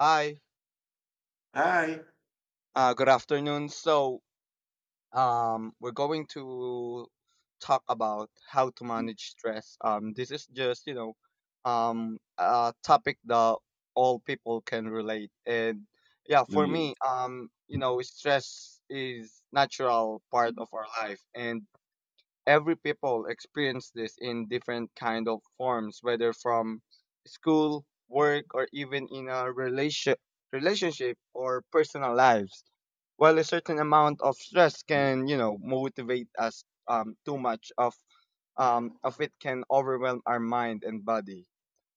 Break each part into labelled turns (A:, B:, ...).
A: Hi,
B: Hi.
A: good afternoon. We're going to talk about how to manage stress. This is just, you know, a topic that all people can relate. For
B: Mhm.
A: me, you know, stress is natural part of our life, and every people experience this in different kind of forms, whether from school, work, or even in a relationship or personal lives. While a certain amount of stress can, you know, motivate us, too much of it can overwhelm our mind and body,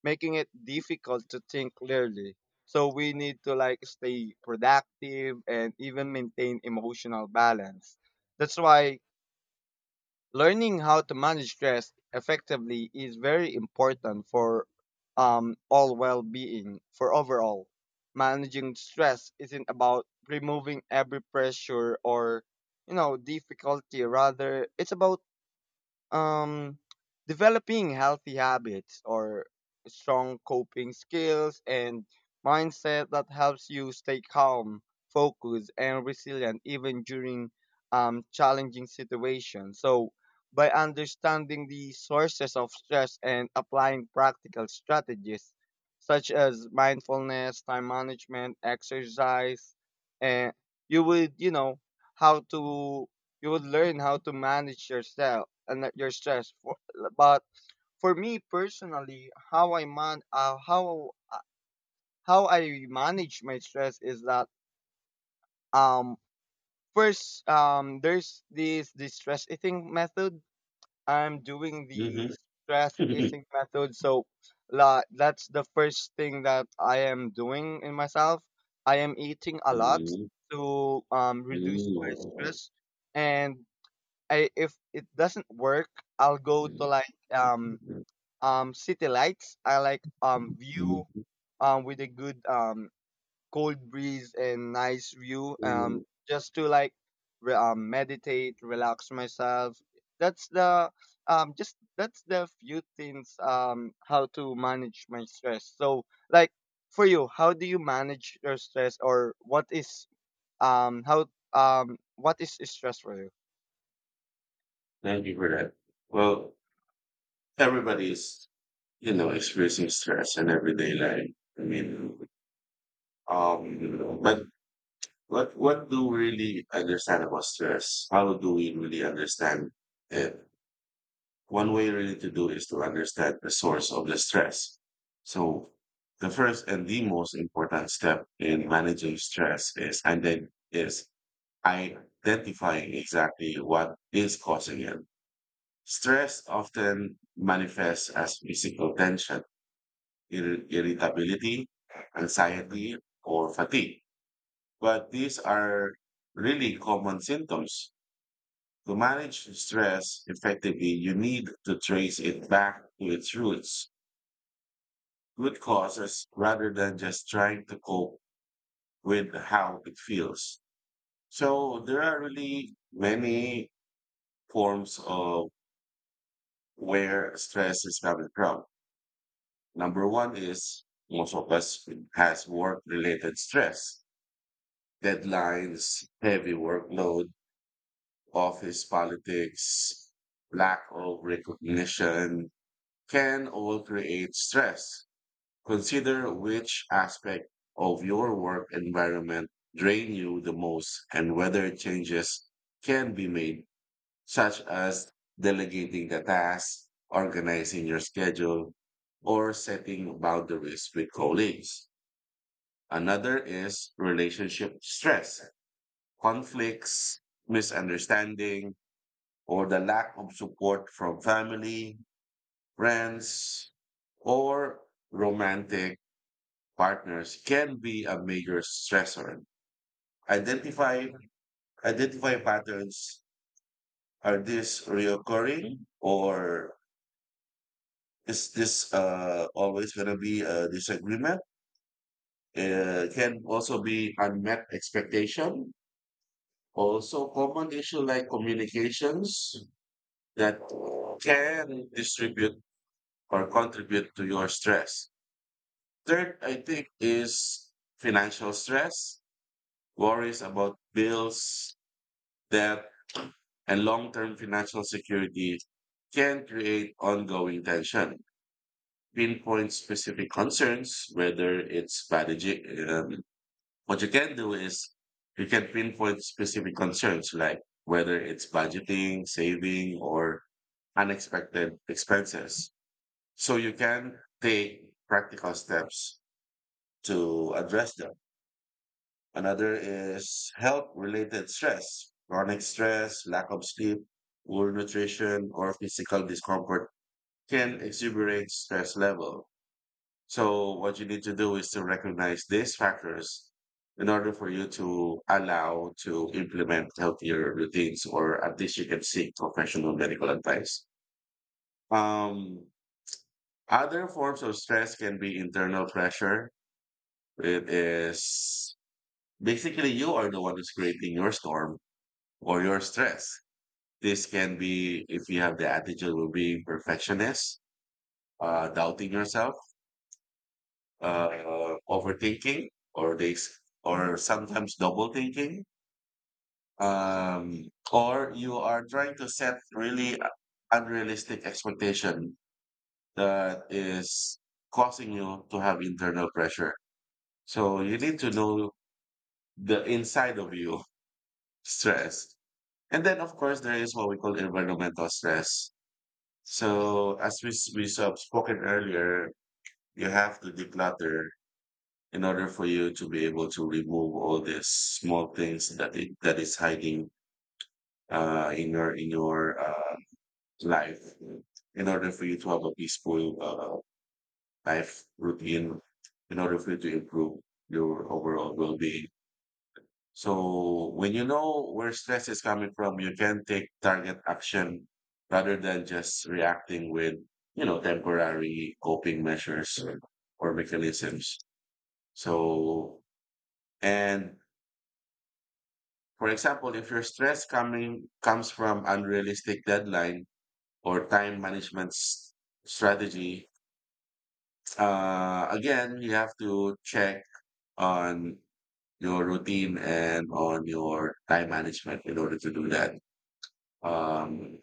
A: making it difficult to think clearly. So we need to like stay productive and even maintain emotional balance. That's why learning how to manage stress effectively is very important for all well-being for overall managing stress isn't about removing every pressure or you know difficulty. Rather it's about um, developing healthy habits or strong coping skills and mindset that helps you stay calm, focused, and resilient even during challenging situations. So, by understanding the sources of stress and applying practical strategies such as mindfulness, time management, exercise, and you would, you know, how to you would learn how to manage yourself and not your stress. But for me personally, how I manage my stress is that um first there's this the stress eating method. I'm doing the
B: Mhm.
A: stress eating method, so that's the first thing that I am doing in myself. I am eating a lot
B: Mhm.
A: to reduce my
B: Mhm.
A: stress. And I if it doesn't work, I'll go to like city lights. I like view
B: Mhm.
A: with a good cold breeze and nice view, just to like meditate, relax myself. That's the that's the few things how to manage my stress. So like for you, how do you manage your stress, or what is how what is stress for you?
B: Thank you for that. Well, everybody's, you know, experiencing stress in everyday life. I mean, but what do we really understand about stress? How do we really understand it? One way really to do is to understand the source of the stress. So the first and the most important step in managing stress is and then is identifying exactly what is causing it. Stress often manifests as physical tension, irritability, anxiety, or fatigue. But these are really common symptoms. To manage stress effectively, you need to trace it back to its roots good causes rather than just trying to cope with how it feels. So there are really many forms of where stress is coming from. Number one is, most of us has work related stress, deadlines, heavy workload, office politics, lack of recognition can all create stress. Consider which aspect of your work environment drain you the most and whether changes can be made, such as delegating the tasks, organizing your schedule, or setting boundaries with colleagues. Another is relationship stress, conflicts, misunderstanding, or the lack of support from family, friends, or romantic partners can be a major stressor. Identify identify patterns. Are these reoccurring, or is this, always going to be a disagreement? Can also be unmet expectation. Also, common issue like communications that can distribute or contribute to your stress. Third, I think is financial stress, worries about bills, debt, and long-term financial security can create ongoing tension. Pinpoint specific concerns, whether it's strategic. Um, what you can do is you can pinpoint specific concerns like whether it's budgeting, saving, or unexpected expenses. So you can take practical steps to address them. Another is health related stress, chronic stress, lack of sleep, poor nutrition, or physical discomfort can exuberate stress level. So what you need to do is to recognize these factors in order for you to allow to implement healthier routines or at least you can seek professional medical advice. Um, Other forms of stress can be internal pressure. It is basically you are the one who's creating your storm or your stress. This can be if you have the attitude of being perfectionist, doubting yourself, overthinking, or this, or sometimes double thinking, um, or you are trying to set really unrealistic expectation that is causing you to have internal pressure. So you need to know the inside of you stress. And then, of course, there is what we call environmental stress. So as we, we have spoken earlier, you have to declutter in order for you to be able to remove all these small things that it, that is hiding in your life. In order for you to have a peaceful life routine, in order for you to improve your overall well being. So when you know where stress is coming from, you can take target action rather than just reacting with, you know, temporary coping measures or mechanisms. So, and for example, if your stress coming comes from unrealistic deadline or time management strategy, again, you have to check on your routine and on your time management in order to do that. Um,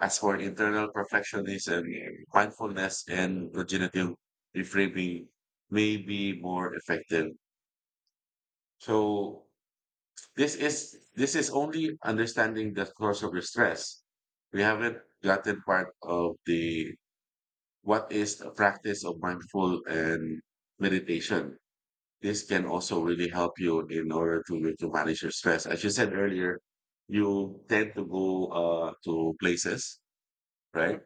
B: As for internal perfectionism, mindfulness and cognitive reframing may be more effective. So this is only understanding the source of your stress. We haven't gotten part of the what is the practice of mindful and meditation. This can also really help you in order to manage your stress. As you said earlier, you tend to go to places,
A: Hmm
B: right?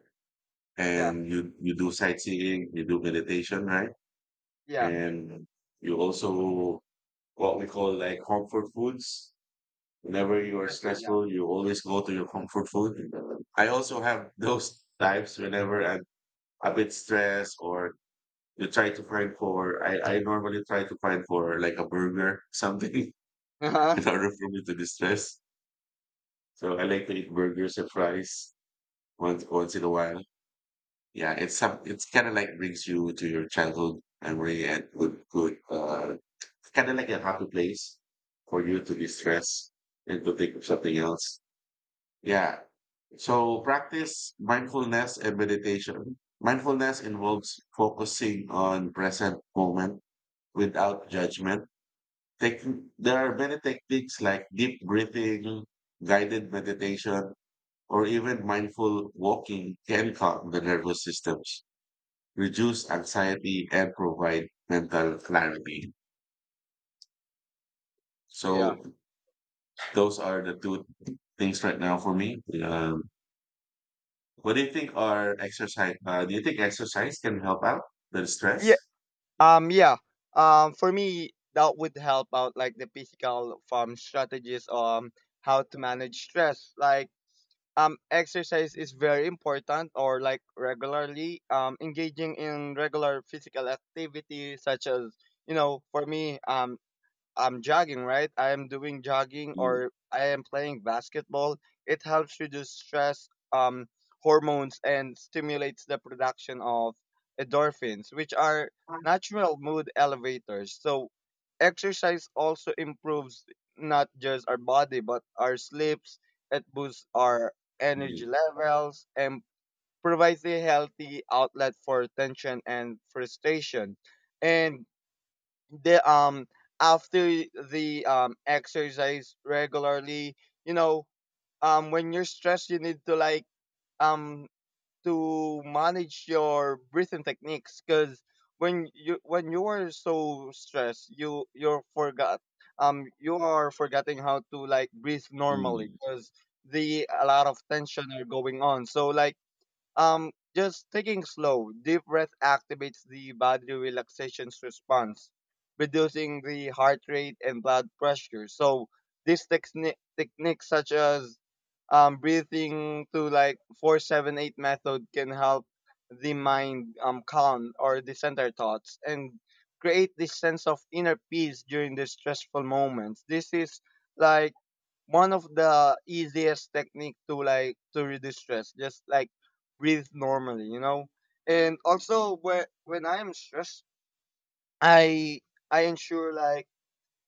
A: Yeah.
B: And you do sightseeing, you do meditation, right?
A: Yeah.
B: And you also what we call like comfort foods. Whenever you are
A: Especially, yeah.
B: stressful, you always go to your comfort food. I also have those types whenever I'm a bit stressed or you try to find for I normally try to find for like a burger, something
A: Uh-huh.
B: in order for me to distress. So I like to eat burgers and fries once in a while. Yeah, it's some it's kind of like brings you to your childhood memory and good it's kind of like a happy place for you to distress and to think of something else. Yeah. So practice mindfulness and meditation. Mindfulness involves focusing on present moment without judgment. Taking, there are many techniques like deep breathing, guided meditation, or even mindful walking can calm the nervous systems reduce anxiety, and provide mental clarity.
A: Yeah.
B: So those are the two things right now for me. Um, what do you think are exercise? Do you think exercise can help out with stress?
A: Yeah. Yeah. For me, that would help out like the physical strategies, how to manage stress. Like exercise is very important, or like regularly engaging in regular physical activity such as, you know, for me, I'm jogging, right? I am doing jogging,
B: Mm,
A: or I am playing basketball. It helps reduce stress hormones and stimulates the production of endorphins, which are natural mood elevators. So, exercise also improves not just our body, but our sleeps. It boosts our energy
B: mm,
A: levels and provides a healthy outlet for tension and frustration. And the after the exercise regularly, you know, when you're stressed, you need to like um to manage your breathing techniques because when you are so stressed, you you're forgot you are forgetting how to like breathe normally
B: mm,
A: because the a lot of tension are going on. So like just taking slow, deep breath activates the body relaxation response, reducing the heart rate and blood pressure. So these techniques such as breathing to like 4-7-8 method can help the mind calm or the center thoughts and create this sense of inner peace during the stressful moments. This is like one of the easiest technique to like to reduce stress, just like breathe normally, you know. And also when I am stressed, i I ensure like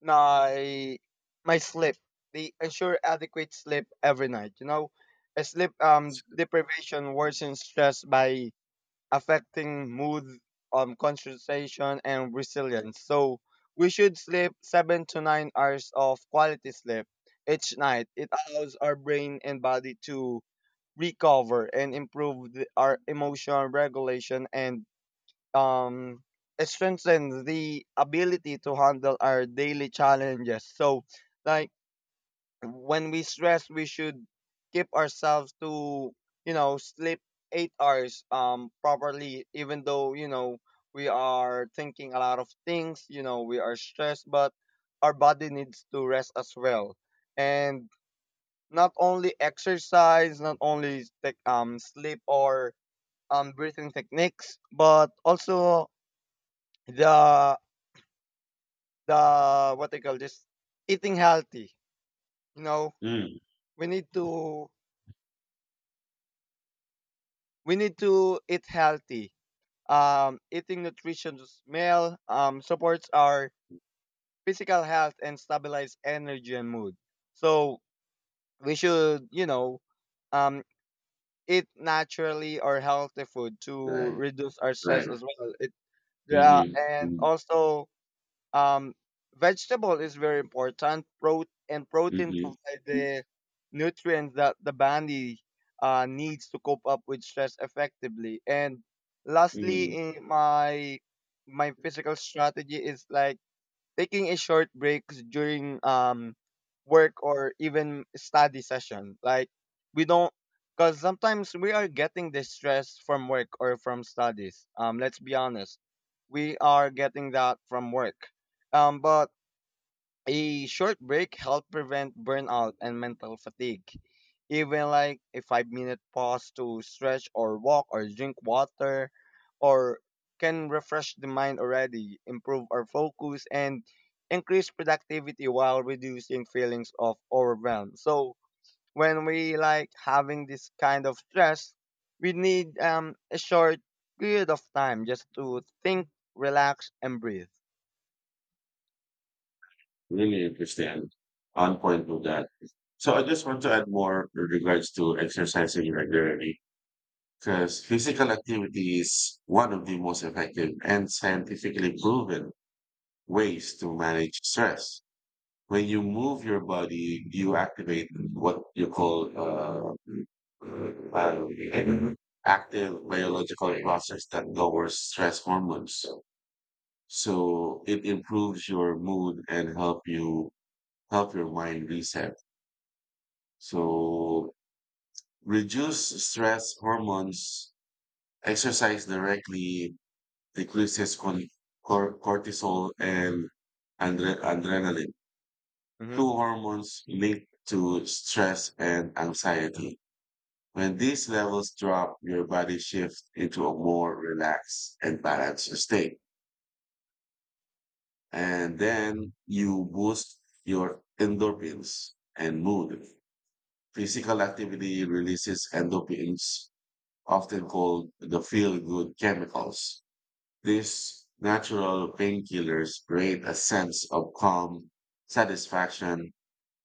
A: my my sleep, the ensure adequate sleep every night, you know. A sleep deprivation worsens stress by affecting mood, concentration, and resilience. So we should sleep 7 to 9 hours of quality sleep each night. It allows our brain and body to recover and improve our emotional regulation and um, it strengthens the ability to handle our daily challenges. So, like, when we stress, we should keep ourselves to, you know, sleep 8 hours properly, even though, you know, we are thinking a lot of things, you know, we are stressed, but our body needs to rest as well. And not only exercise, not only sleep or breathing techniques, but also the the what they call this, eating healthy, you know.
B: mm.
A: we need to we need to eat healthy. Eating nutritious meal supports our physical health and stabilize energy and mood. So we should, you know, um, eat naturally or healthy food to
B: Right,
A: reduce our stress
B: right.
A: as well. It uh, and
B: Mm-hmm,
A: also um vegetable is very important. And protein
B: mm-hmm.
A: provide the nutrients that the body needs to cope up with stress effectively. And lastly,
B: Mm,
A: in my physical strategy is like taking a short break during work or even study session. Like we don't, because sometimes we are getting the stress from work or from studies. Let's be honest, we are getting that from work. But a short break helps prevent burnout and mental fatigue. Even like a 5 minute pause to stretch or walk or drink water or can refresh the mind already, improve our focus and increase productivity while reducing feelings of overwhelm. So when we like having this kind of stress, we need a short period of time just to think, relax and breathe.
B: really understand. On point with that. So I just want to add more in regards to exercising regularly. Because physical activity is one of the most effective and scientifically proven ways to manage stress. When you move your body, you activate what you call uh, active biological process that lowers stress hormones. So it improves your mood and help you help your mind reset. So reduce stress hormones, exercise directly decreases cortisol and adrenaline,
A: Mm-hmm.
B: two hormones linked to stress and anxiety. When these levels drop, your body shifts into a more relaxed and balanced state. And then you boost your endorphins and mood. Physical activity releases endorphins, often called the feel good chemicals. These natural painkillers create a sense of calm, satisfaction,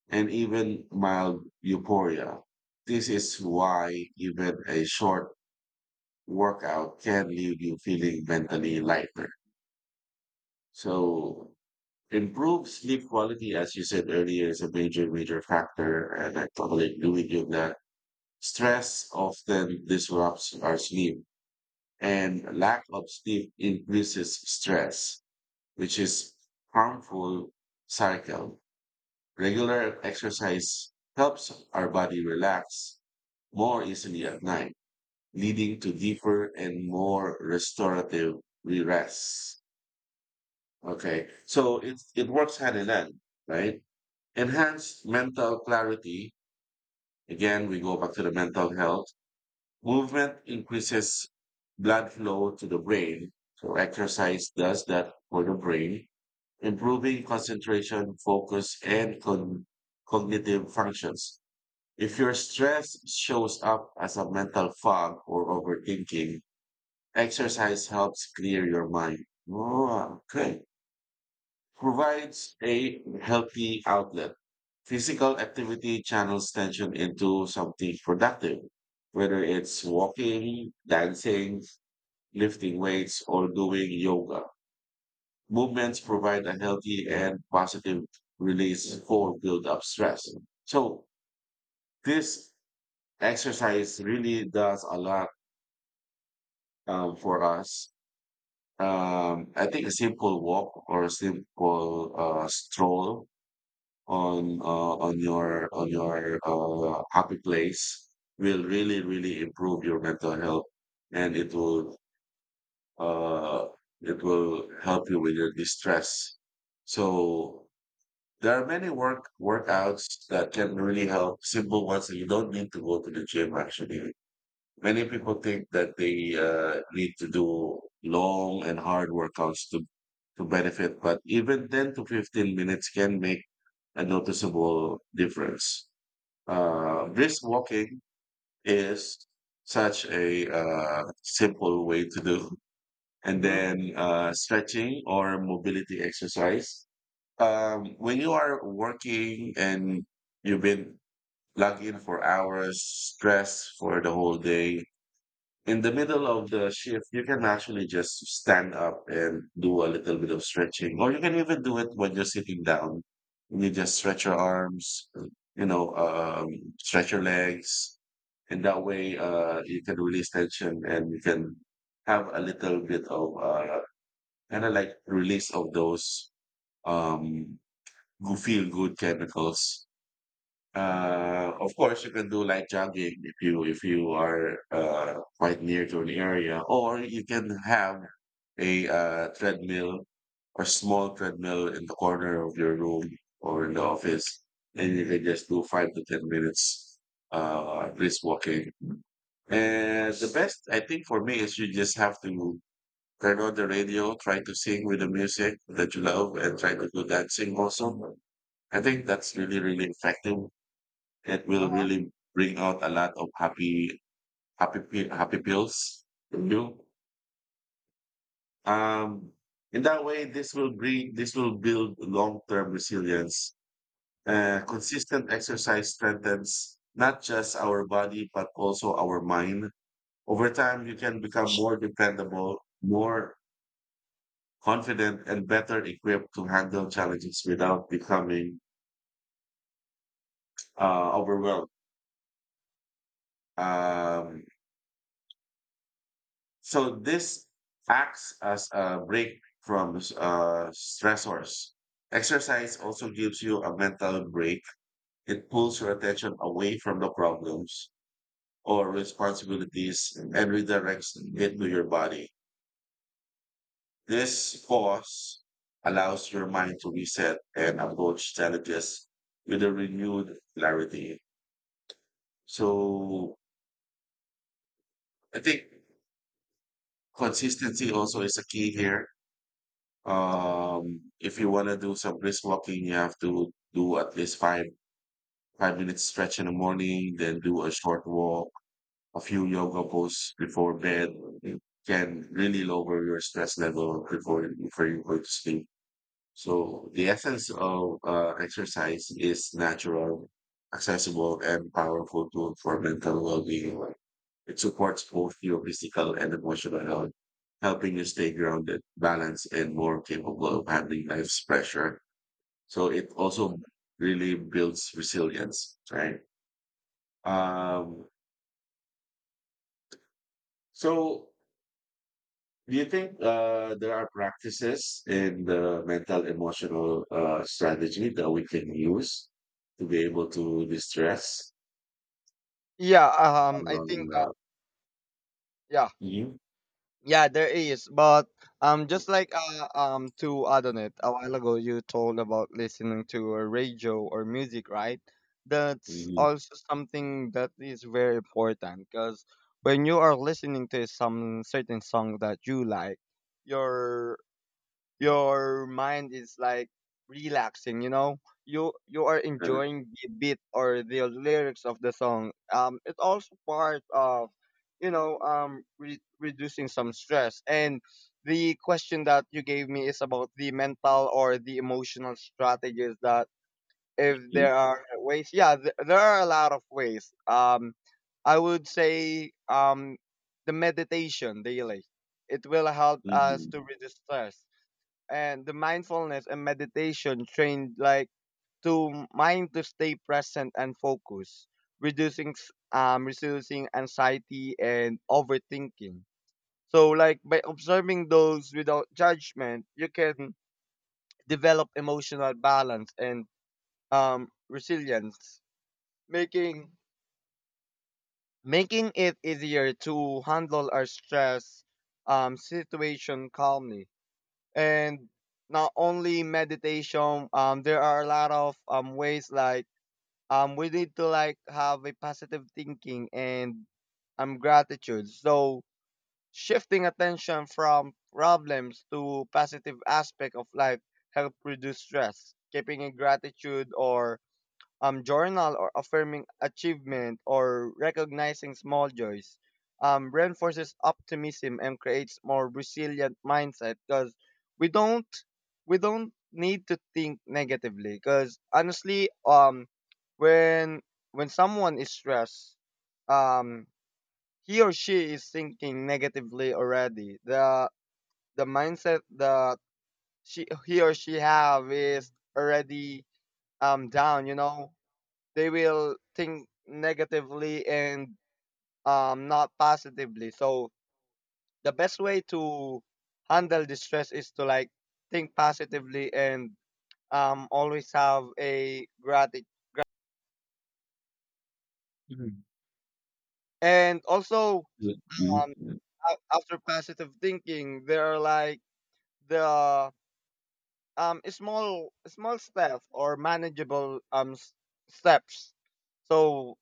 B: and even mild euphoria. This is why even a short workout can leave you feeling mentally lighter. So, improved sleep quality, as you said earlier, is a major, major factor, and I totally agree with you that stress often disrupts our sleep, and lack of sleep increases stress, which is harmful cycle. Regular exercise helps our body relax more easily at night, leading to deeper and more restorative rest. Okay, so it works hand in hand, right? Enhanced mental clarity. Again, we go back to the mental health. Movement increases blood flow to the brain, so exercise does that for the brain, improving concentration, focus, and cognitive functions. If your stress shows up as a mental fog or overthinking, exercise helps clear your mind. Oh, okay, provides a healthy outlet. Physical activity channels tension into something productive, whether it's walking, dancing, lifting weights, or doing yoga. Movements provide a healthy and positive release for build up stress. So this exercise really does a lot for us. I think a simple walk or a simple stroll on your on your happy place will really really improve your mental health and uh, it will help you with your distress. So there are many workouts that can really help, simple ones that you don't need to go to the gym actually. Many people think that they need to do long and hard workouts to benefit, but even 10 to 15 minutes can make a noticeable difference. Brisk walking is such a simple way to do. And
A: Mm-hmm.
B: then stretching or mobility exercise. When you are working and you've been plugged in for hours, stressed for the whole day, in the middle of the shift, you can actually just stand up and do a little bit of stretching, or you can even do it when you're sitting down. You just stretch your arms, you know, stretch your legs, and that way, you can release tension and you can have a little bit of kind of like release of those um, go feel good chemicals. Of course, you can do light jogging if you are quite near to an area, or you can have a treadmill or small treadmill in the corner of your room or in the office, and you can just do 5 to 10 minutes brisk walking. And the best I think for me is you just have to turn on the radio, try to sing with the music that you love, and try to do dancing also. I think that's really really effective. It will
A: Uh-huh.
B: really bring out a lot of happy, happy pills in you. Um, in that way, this will build long-term resilience. Consistent exercise strengthens not just our body, but also our mind. Over time, you can become more dependable, more confident, and better equipped to handle challenges without becoming overwhelmed. Um, So this acts as a break from stressors. Exercise also gives you a mental break. It pulls your attention away from the problems or responsibilities and redirects it to your body. This pause allows your mind to reset and approach challenges with a renewed clarity. So I think consistency also is a key here. If you want to do some brisk walking, you have to do at least five minutes stretch in the morning, then do a short walk, a few yoga poses before bed. It can really lower your stress level before you go to sleep. So the essence of exercise is natural, accessible, and powerful tool for mental well-being. It supports both your physical and emotional health, helping you stay grounded, balanced, and more capable of handling life's pressure. So it also really builds resilience, right? Um, so do you think there are practices in the mental emotional strategy that we can use to be able to distress?
A: Yeah, I think
B: Um, uh,
A: yeah,
B: mhm,
A: yeah, there is, but just like to add on it a while ago, you told about listening to a radio or music, right? That's
B: mhm,
A: also something that is very important, because when you are listening to some certain song that you like, your your mind is like relaxing, you know. You are
B: uh,
A: enjoying the beat or the lyrics of the song. It's also part of, you know, reducing some stress. And the question that you gave me is about the mental or the emotional strategies, that if
B: mhm,
A: there are ways, yeah, there are a lot of ways. I would say the meditation daily, it will help us
B: mhm,
A: to reduce stress. And the mindfulness and meditation trained like to mind to stay present and focus, reducing reducing anxiety and overthinking. So like by observing those without judgment, you can develop emotional balance and resilience, making making it easier to handle our stress situation calmly. And not only meditation, there are a lot of ways. Like we need to like have a positive thinking and gratitude. So shifting attention from problems to positive aspect of life help reduce stress, keeping in gratitude or journal or affirming achievement or recognizing small joys, reinforces optimism and creates more resilient mindset, because we don't we don't need to think negatively. Because honestly, when someone is stressed, um he or she is thinking negatively already. The mindset that she he or she have is already down, you know. They will think negatively and not positively. So the best way to handle distress is to like think positively and always have a gratitude. And also
B: mhm,
A: um
B: mhm,
A: after positive thinking, there are like the small small steps or manageable steps. So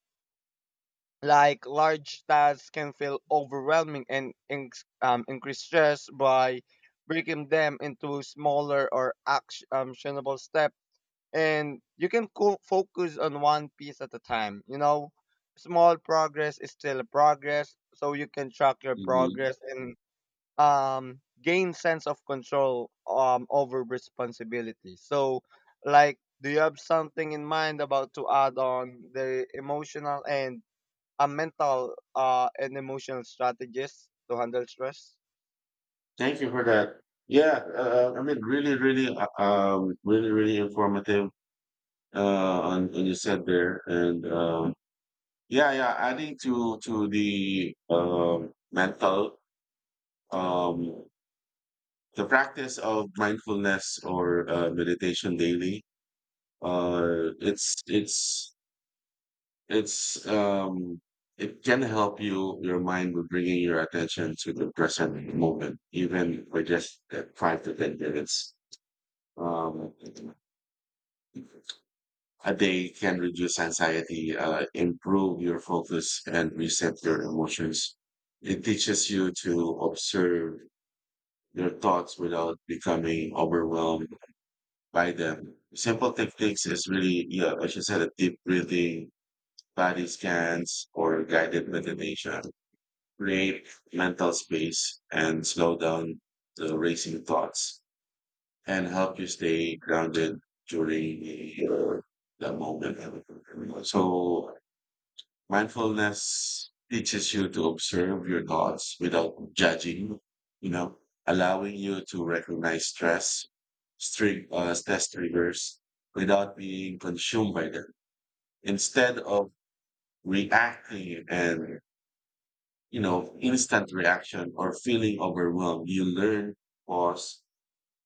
A: like large tasks can feel overwhelming and increase stress. By breaking them into smaller or actionable steps, and you can focus on one piece at a time, you know, small progress is still progress. So you can track your
B: mhm.
A: progress and gain sense of control over responsibility. So, like, do you have something in mind about to add on the emotional and a mental and emotional strategies to handle stress?
B: Thank you for that. Yeah, I mean, really, really informative on what you said there, and yeah, yeah, adding to the mental um, the practice of mindfulness or meditation daily uh, it's um, it can help you your mind with bringing your attention to the present moment even for just 5 to 10 minutes um, a day can reduce anxiety, improve your focus and reset your emotions. It teaches you to observe your thoughts without becoming overwhelmed by them. Simple techniques is really, yeah, like you said, a deep breathing, body scans, or guided meditation. Create mental space and slow down the racing thoughts and help you stay grounded during the moment. So mindfulness teaches you to observe your thoughts without judging, you know, allowing you to recognize stress, stress triggers without being consumed by them. Instead of reacting and, you know, instant reaction or feeling overwhelmed, you learn, pause,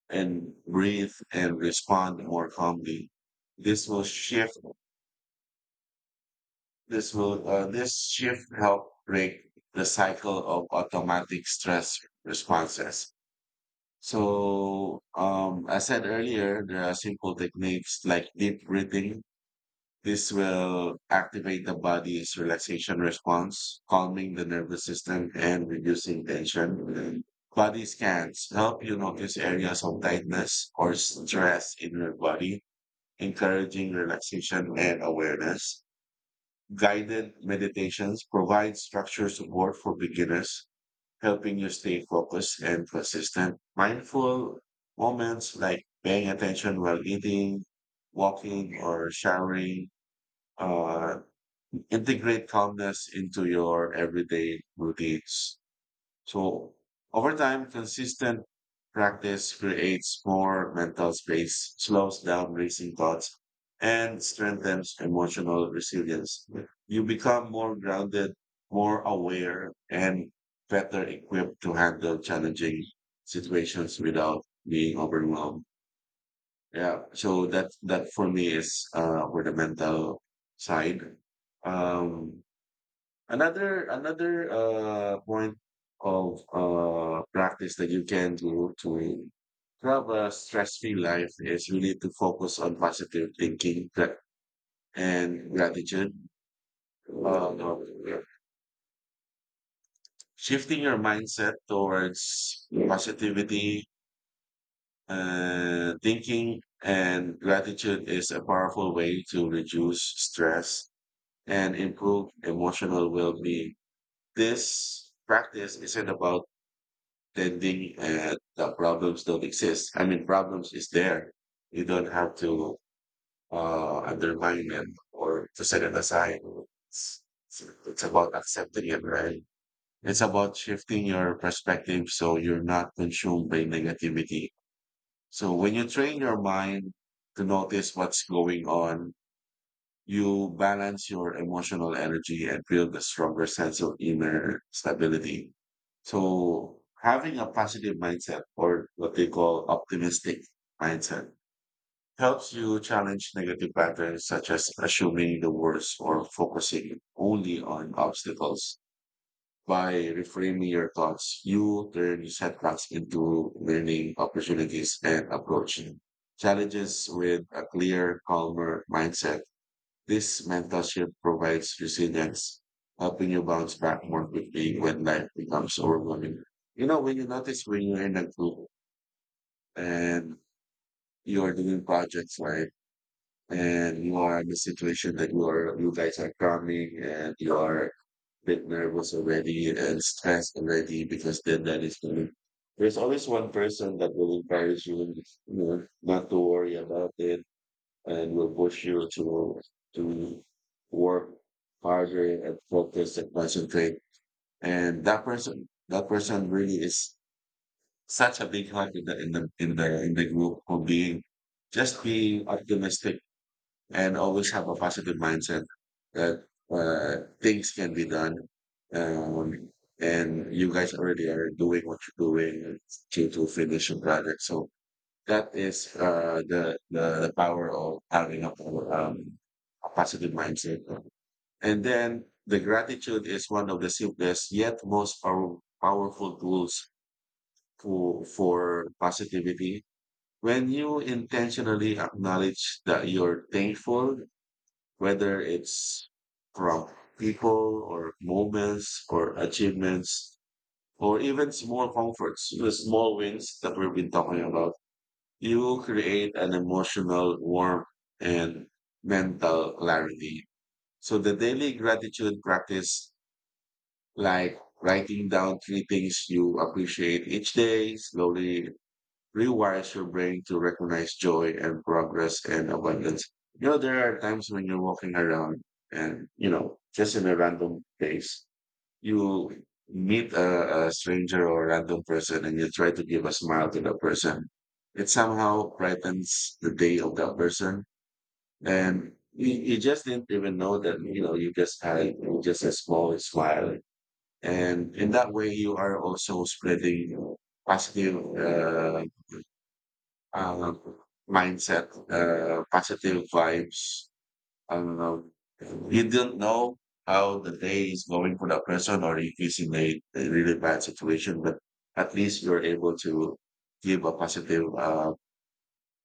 B: and breathe and respond more calmly. This will shift This will this shift help break the cycle of automatic stress responses. So, I said earlier, there are simple techniques like deep breathing. This will activate the body's relaxation response, calming the nervous system and reducing tension. Body scans help you notice areas of tightness or stress in your body, encouraging relaxation and awareness. Guided meditations provide structured support for beginners, helping you stay focused and consistent. Mindful moments like paying attention while eating, walking, or showering uh, integrate calmness into your everyday routines. So over time, consistent practice creates more mental space, slows down racing thoughts, and strengthens emotional resilience. You become more grounded, more aware, and better equipped to handle challenging situations without being overwhelmed. Yeah. So that for me is for the mental side. Um another point of practice that you can do to have a stress-free life is really to focus on positive thinking and gratitude. Uh, Shifting your mindset towards positivity, thinking, and gratitude is a powerful way to reduce stress and improve emotional well-being. This practice isn't about tending at the problems don't exist. I mean, problems is there. You don't have to undermine them or to set it aside. It's, it's about accepting it, right? It's about shifting your perspective so you're not consumed by negativity. So when you train your mind to notice what's going on, you balance your emotional energy and build a stronger sense of inner stability. So having a positive mindset or what they call optimistic mindset helps you challenge negative patterns such as assuming the worst or focusing only on obstacles. By reframing your thoughts, you turn setbacks into learning opportunities and approach challenges with a clear, calmer mindset. This mentorship provides resilience, helping you bounce back more quickly when life becomes overwhelming. You know, when you notice when you're in a group and you are doing projects, right? And you are in a situation that you guys are cramming and you are a bit nervous already and stressed already because deadline is coming. There's always one person that will encourage you, you know, not to worry about it and will push you to work harder and focus and concentrate. And that person really is such a big help in the group for being just being optimistic and always have a positive mindset that things can be done. Um, and you guys already are doing what you're doing to finish your project. So that is the power of having um, a positive mindset. And then the gratitude is one of the simplest yet powerful tools for positivity. When you intentionally acknowledge that you're thankful, whether it's from people or moments or achievements or even small comforts, the small wins that we've been talking about, you
A: Mhm.
B: create an emotional warmth and mental clarity. So the daily gratitude practice, like writing down three things you appreciate each day, slowly rewires your brain to recognize joy and progress and abundance. You know, there are times when you're walking around and, you know, just in a random place you meet a stranger or random person and you try to give a smile to that person, it somehow brightens the day of that person. And you just didn't even know that, you know, you just had just a small smile. And in that way, you are also spreading positive uh, mindset, positive vibes. I don't know. You don't know how the day is going for that person or if he's in a really bad situation, but at least you're able to give a positive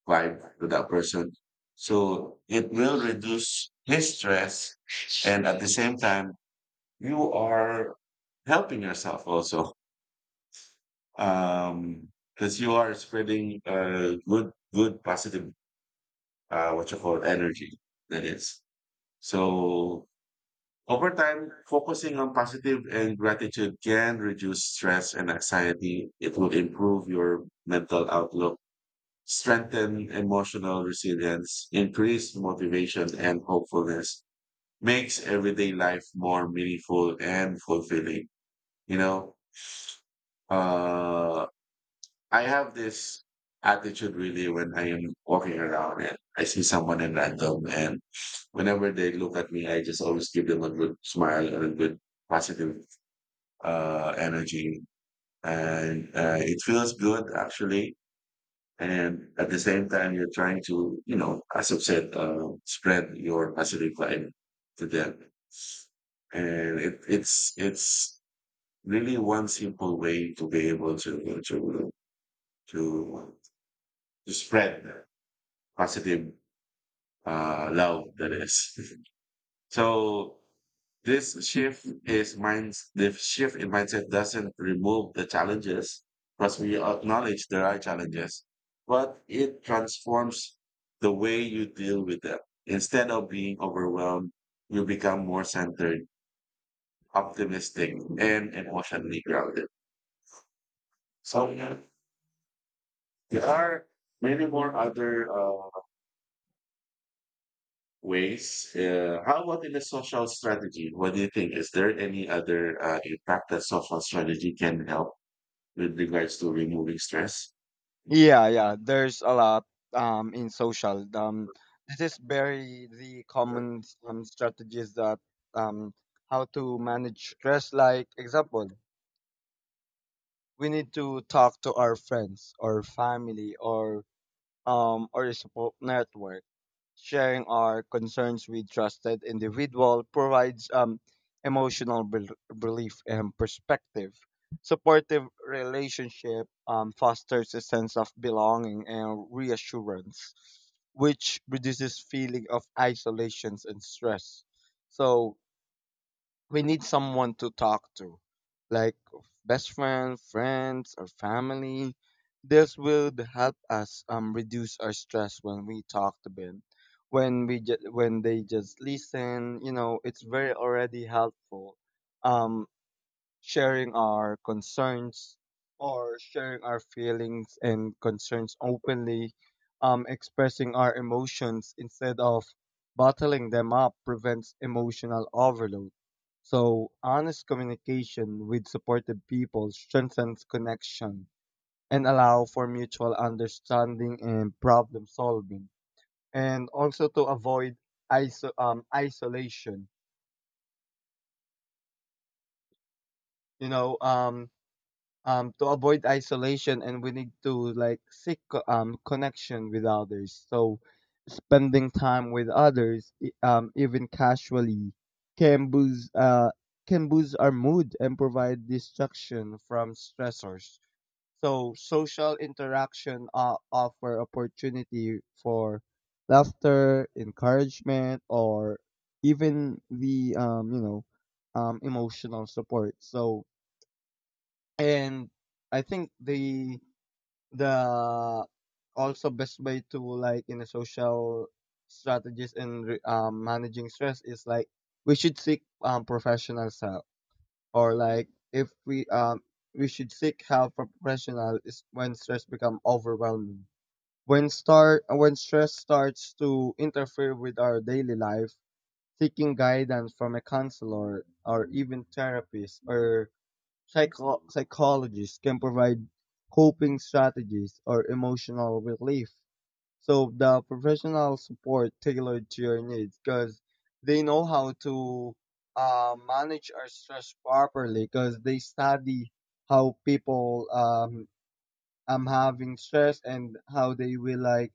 B: vibe to that person. So it will reduce his stress. And at the same time, you are helping yourself also. Um, because you are spreading positive, what you call energy. That is. So over time, focusing on positive and gratitude can reduce stress and anxiety. It will improve your mental outlook, strengthen emotional resilience, increase motivation and hopefulness, makes everyday life more meaningful and fulfilling. You know, uh, I have this attitude really when I am walking around and I see someone in random and whenever they look at me, I just always give them a good smile and a good positive energy and it feels good actually, and at the same time you're trying to, you know, as I've said, spread your positive vibe to them. And it's really one simple way to be able to, to spread positive love, that is. So this shift is minds the shift in mindset doesn't remove the challenges because we acknowledge there are challenges, but it transforms the way you deal with them. Instead of being overwhelmed, you become more centered, optimistic, and emotionally grounded. So yeah, there are many more other ways. How about in the social strategy? What do you think? Is there any other impact that social strategy can help with regards to removing stress?
A: Yeah, yeah. There's a lot in social. This is very the common strategies that um how to manage stress. Like example, we need to talk to our friends or family or a support network. Sharing our concerns with trusted individual provides emotional bel relief and perspective. Supportive relationship fosters a sense of belonging and reassurance, which reduces feeling of isolations and stress. So we need someone to talk to, like best friend, friends, or family. This will help us reduce our stress when we talk to them. When we when they just listen, you know, it's very already helpful. Um, Sharing our concerns or sharing our feelings and concerns openly, expressing our emotions instead of bottling them up prevents emotional overload. So, honest communication with supportive people strengthens connection and allow for mutual understanding and problem solving, and also to avoid isolation. You know, um, to avoid isolation, and we need to seek connection with others, so spending time with others even casually can boost uh can boost our mood and provide distraction from stressors. So social interaction offer opportunity for laughter, encouragement, or even the you know emotional support. So and I think the also best way to in a social strategist and managing stress is we should seek professional help, or if we we should seek help from professional is when stress become overwhelming, when start when stress starts to interfere with our daily life. Seeking guidance from a counselor or even therapist or psychologists can provide coping strategies or emotional relief. So the professional support tailored to your needs, because they know how to manage our stress properly, because they study how people having stress, and how they will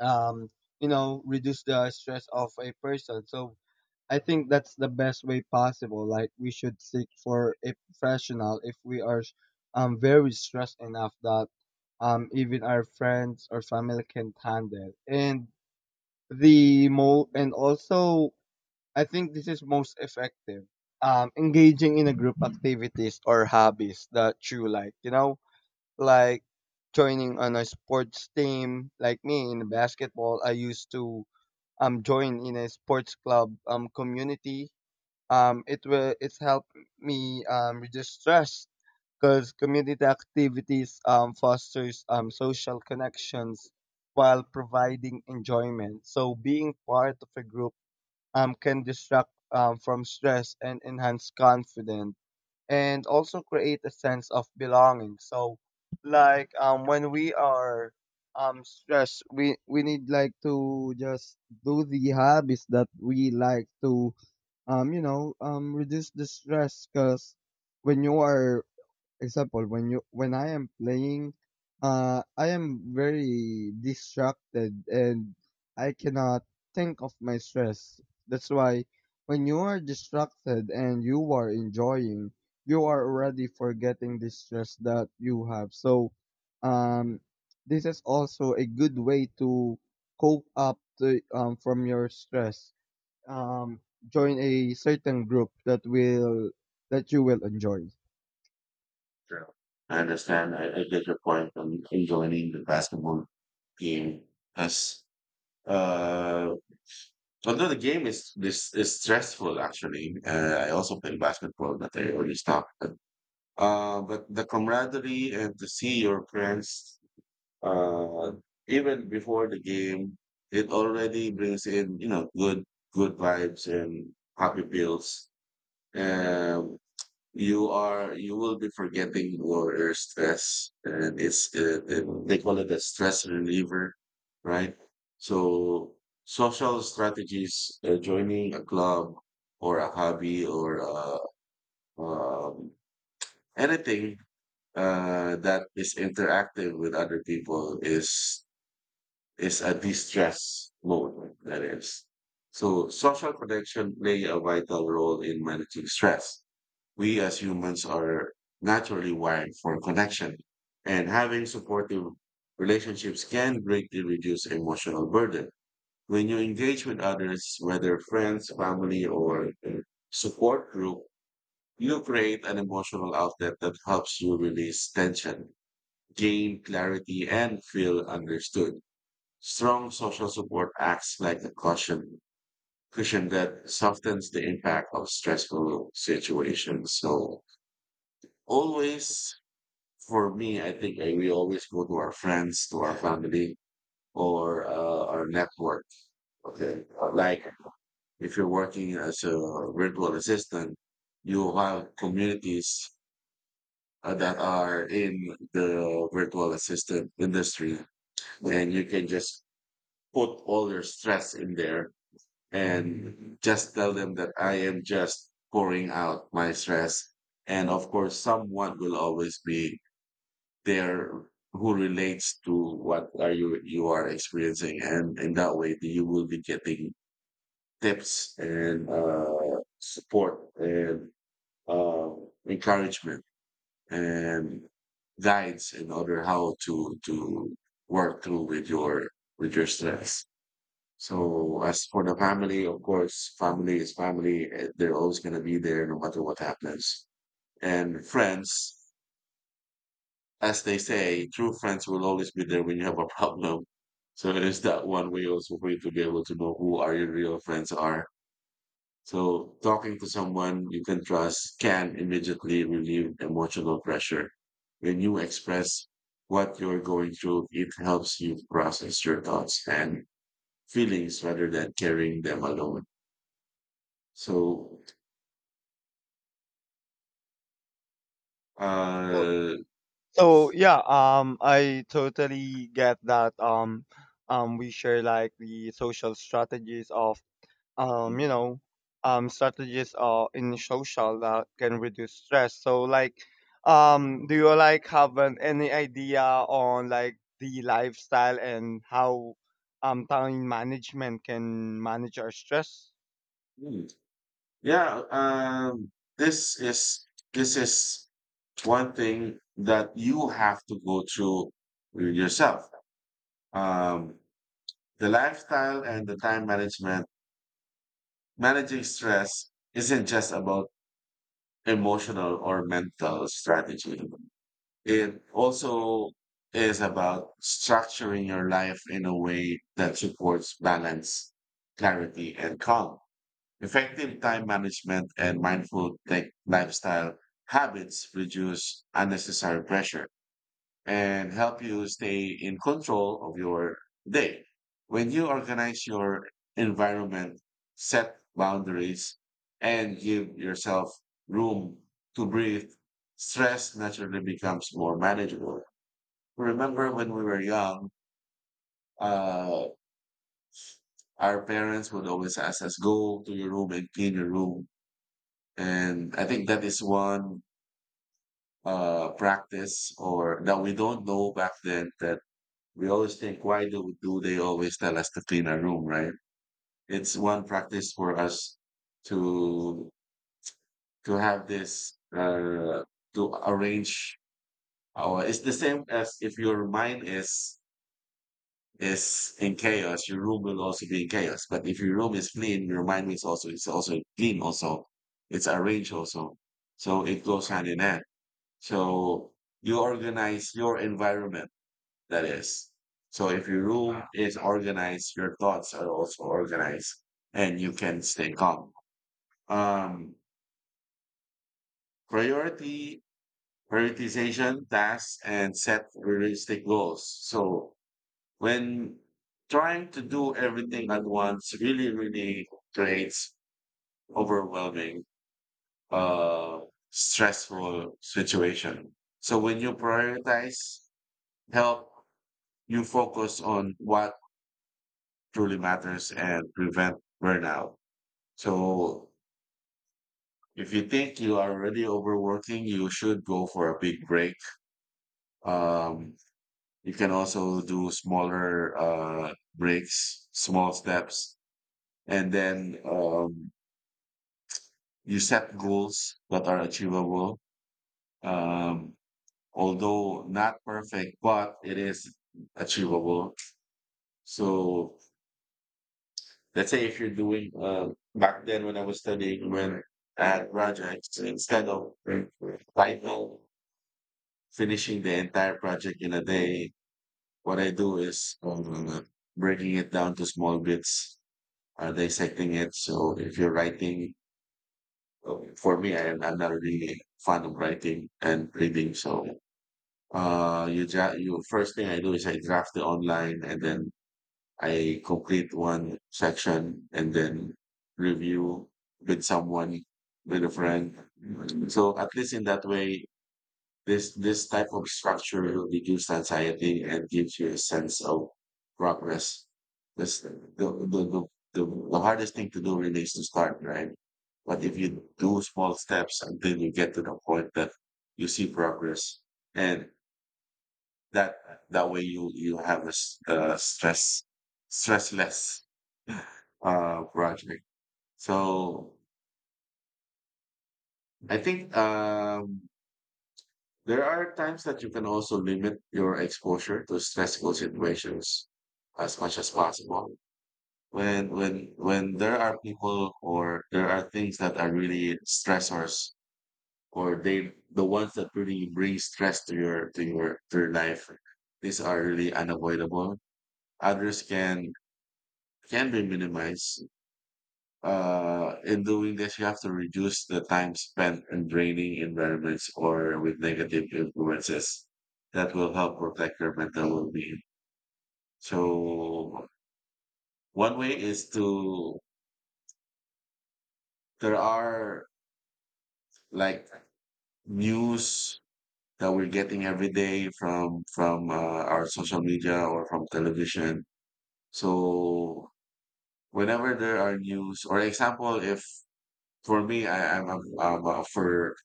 A: um, reduce the stress of a person. So I think that's the best way possible. Like, we should seek for a professional if we are very stressed enough that even our friends or family can handle. And the mo and also I think this is most effective. Engaging in a group activities or hobbies that you like, like joining on a sports team. Like me, in basketball, I used to join in a sports club community. It's helped me reduce stress, because community activities fosters social connections while providing enjoyment. So being part of a group can distract from stress and enhance confidence and also create a sense of belonging. So when we are stressed, we need to just do the hobbies that we like to reduce the stress. Because when you are, example, when I am playing, I am very distracted and I cannot think of my stress. That's why, when you are distracted and you are enjoying, you are already forgetting the stress that you have. So um this is also a good way to cope up to, from your stress. um Join a certain group that will that you will enjoy.
B: Sure. I understand. I get your point on joining the basketball game as uh, although the game is this is stressful actually. I also play basketball, but I already stopped. But the camaraderie and to see your friends uh, even before the game, it already brings in, you know, good, good vibes and happy feels. And you will be forgetting your stress, and it's, they call it a stress reliever, right? So social strategies, joining a club or a hobby, or um, anything that is interactive with other people is a distress mode, that is. So social connection play a vital role in managing stress. We as humans are naturally wired for connection and having supportive relationships can greatly reduce emotional burden. When you engage with others, whether friends, family, or a support group, you create an emotional outlet that helps you release tension, gain clarity, and feel understood. Strong social support acts like a cushion, cushion that softens the impact of stressful situations. So always, for me, we always go to our friends, to our family, or our network. Okay. Like if you're working as a virtual assistant, you have communities that are in the virtual assistant industry, and you can just put all your stress in there and just tell them that I am just pouring out my stress. And of course, someone will always be there who relates to what are you you are experiencing, and in that way, you will be getting tips and support and uh, encouragement and guides in order how to work through with your stress. So as for the family, of course, family is family. They're always going to be there no matter what happens. And friends, as they say, true friends will always be there when you have a problem. So it is that one way also for you to be able to know who are your real friends are. So talking to someone you can trust can immediately relieve emotional pressure. When you express what you're going through, it helps you process your thoughts and feelings rather than carrying them alone. So,
A: So
B: uh,
A: So yeah, I totally get that. We share like the social strategies of um, you know, strategies in social that can reduce stress. So like, do you have an, any idea on the lifestyle and how time management can manage our stress?
B: mm, yeah, um, this is this is one thing that you have to go through yourself. Um, the lifestyle and the time management, managing stress isn't just about emotional or mental strategy. It also is about structuring your life in a way that supports balance, clarity, and calm. Effective time management and mindful tech lifestyle habits reduce unnecessary pressure and help you stay in control of your day. When you organize your environment, set boundaries, and give yourself room to breathe, stress naturally becomes more manageable. Remember when we were young, uh, our parents would always ask us, go to your room and clean your room. And I think that is one practice or that we don't know back then that we always think, why do they always tell us to clean our room, right? It's one practice for us to to have this, to arrange our. It's the same as if your mind is in chaos, your room will also be in chaos. But if your room is clean, your mind is also clean. Also, it's arranged also. So it goes hand in hand. So you organize your environment, that is. So if your room is organized, your thoughts are also organized and you can stay calm. Um, Priority, prioritization, tasks, and set realistic goals. So when trying to do everything at once really, really creates overwhelming, uh, stressful situation. So when you prioritize help you focus on what truly matters and prevent burnout. So if you think you are already overworking, you should go for a big break. Um, you can also do smaller breaks, small steps, and then you set goals that are achievable. Um, Although not perfect, but it is achievable. So let's say if you're doing back then when I was studying when I had projects, instead of final finishing the entire project in a day, what I do is breaking it down to small bits, dissecting it. So if you're writing, oh, for me, I'm not really fond of writing and reading. So uh, you first thing I do is I draft it online and then I complete one section and then review with someone, with a friend. So at least in that way, this type of structure will reduce anxiety and gives you a sense of progress. This, the, the, the hardest thing to do really is to start, right? But if you do small steps until you get to the point that you see progress, and that that way you have a stress less project. So I think there are times that you can also limit your exposure to stressful situations as much as possible. When there are people or there are things that are really stressors or they the ones that really bring stress to your life, these are really unavoidable. Others can be minimized. In doing this, you have to reduce the time spent in draining environments or with negative influences that will help protect your mental well-being. So one way is to, there are like news that we're getting every day from our social media or from television. So whenever there are news, or example, if for me, I, I'm a,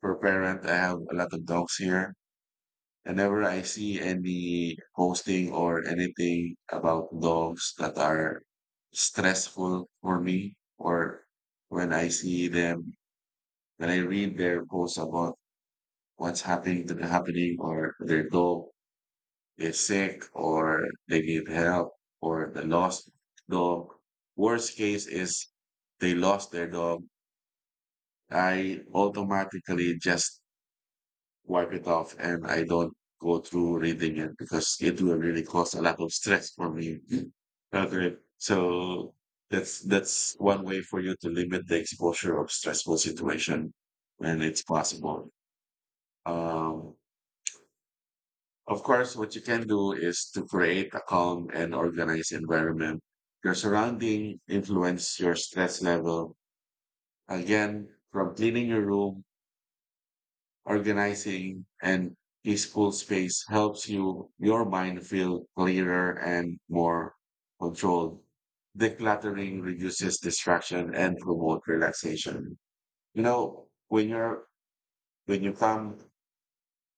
B: for parent, I have a lot of dogs here. Whenever I see any posting or anything about dogs that are stressful for me, or when I see them, when I read their posts about what's happening to the happening, or their dog is sick, or they need help, or the lost dog. Worst case is they lost their dog. I automatically just wipe it off and I don't go through reading it because it will really cause a lot of stress for me. Okay. So that's one way for you to limit the exposure of stressful situation when it's possible. Um, of course, what you can do is to create a calm and organized environment. Your surrounding influence your stress level. Again, from cleaning your room, organizing and peaceful space helps you your mind feel clearer and more controlled. Decluttering reduces distraction and promote relaxation. You know, when you come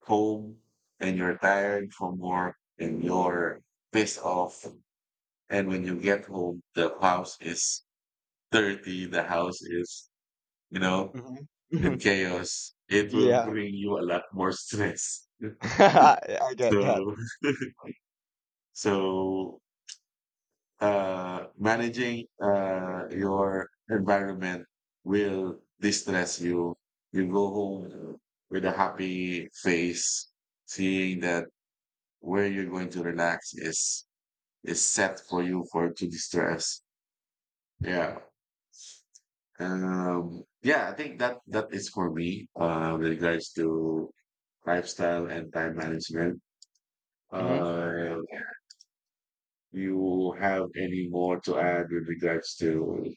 B: home and you're tired from work and you're pissed off, and when you get home, the house is dirty, the house is, you know,
A: Hmm.
B: in chaos. It will
A: Yeah.
B: bring you a lot more stress.
A: I get that.
B: So exactly. So managing your environment will distress you. You go home with a happy face, seeing that where you're going to relax is set for you for to distress. Yeah. Yeah, I think that that is for me with regards to lifestyle and time management.
A: Hmm.
B: Uh, you have any more to add with regards to.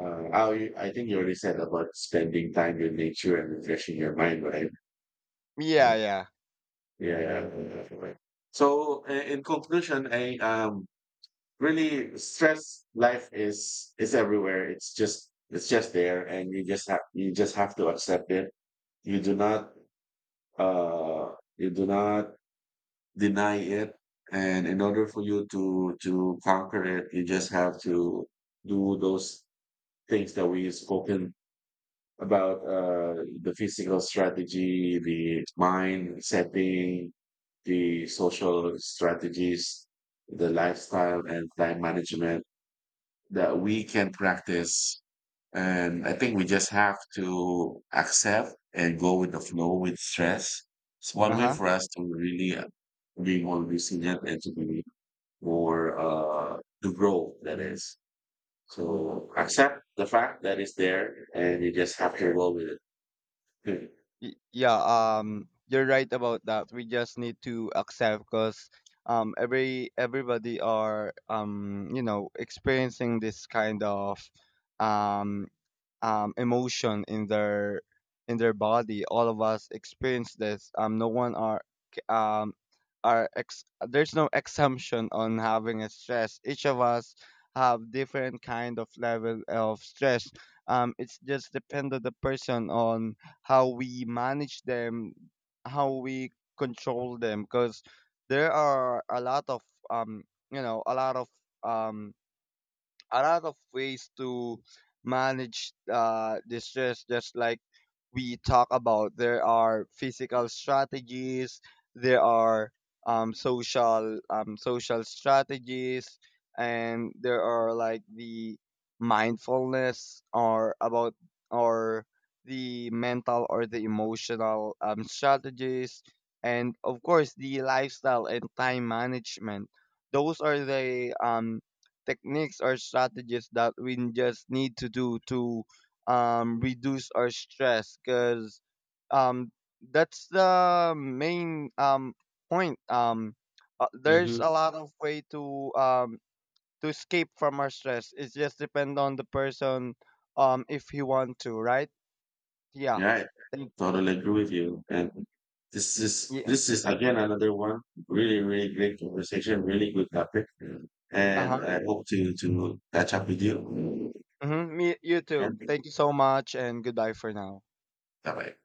B: I think you already said about spending time with nature and refreshing your mind, right?
A: Yeah,
B: Yeah,
A: yeah.
B: yeah, definitely. So, in conclusion, I really stress life is everywhere. It's just there, and you just have to accept it. You do not uh you do not deny it, and in order for you to conquer it, you just have to do those things that we spoken about the physical strategy, the mind setting, the social strategies, the lifestyle and time management that we can practice. And I think we just have to accept and go with the flow with stress. It's one
A: Uh
B: way
A: huh.
B: for us to really be more resilient and to be more to grow. That is, so accept the fact that it's there, and you just have to roll with it.
A: Yeah, you're right about that. We just need to accept, because everybody are experiencing this kind of um emotion in their body. All of us experience this. No one are c- um, there's no exemption on having a stress. Each of us have different kind of level of stress. It's just depend on the person on how we manage them, how we control them, because there are a lot of um, a lot of um a lot of ways to manage the stress. Just like we talk about, there are physical strategies, there are social strategies, and there are like the mindfulness, or about, or the mental or the emotional strategies, and of course the lifestyle and time management. Those are the techniques or strategies that we just need to do to reduce our stress. Because um, that's the main point. There's
B: Mhm.
A: a lot of way to escape from our stress. It just depends on the person, if he want to, right? Yeah.
B: Right.
A: Thank.
B: Totally agree with you. And this is
A: Yeah.
B: this is again another one. Really, really great conversation. Really good topic. And
A: Uh-huh.
B: I hope to catch up with you.
A: Hmm. Me, you too.
B: Okay.
A: Thank you so much, and goodbye for now.
B: Bye bye.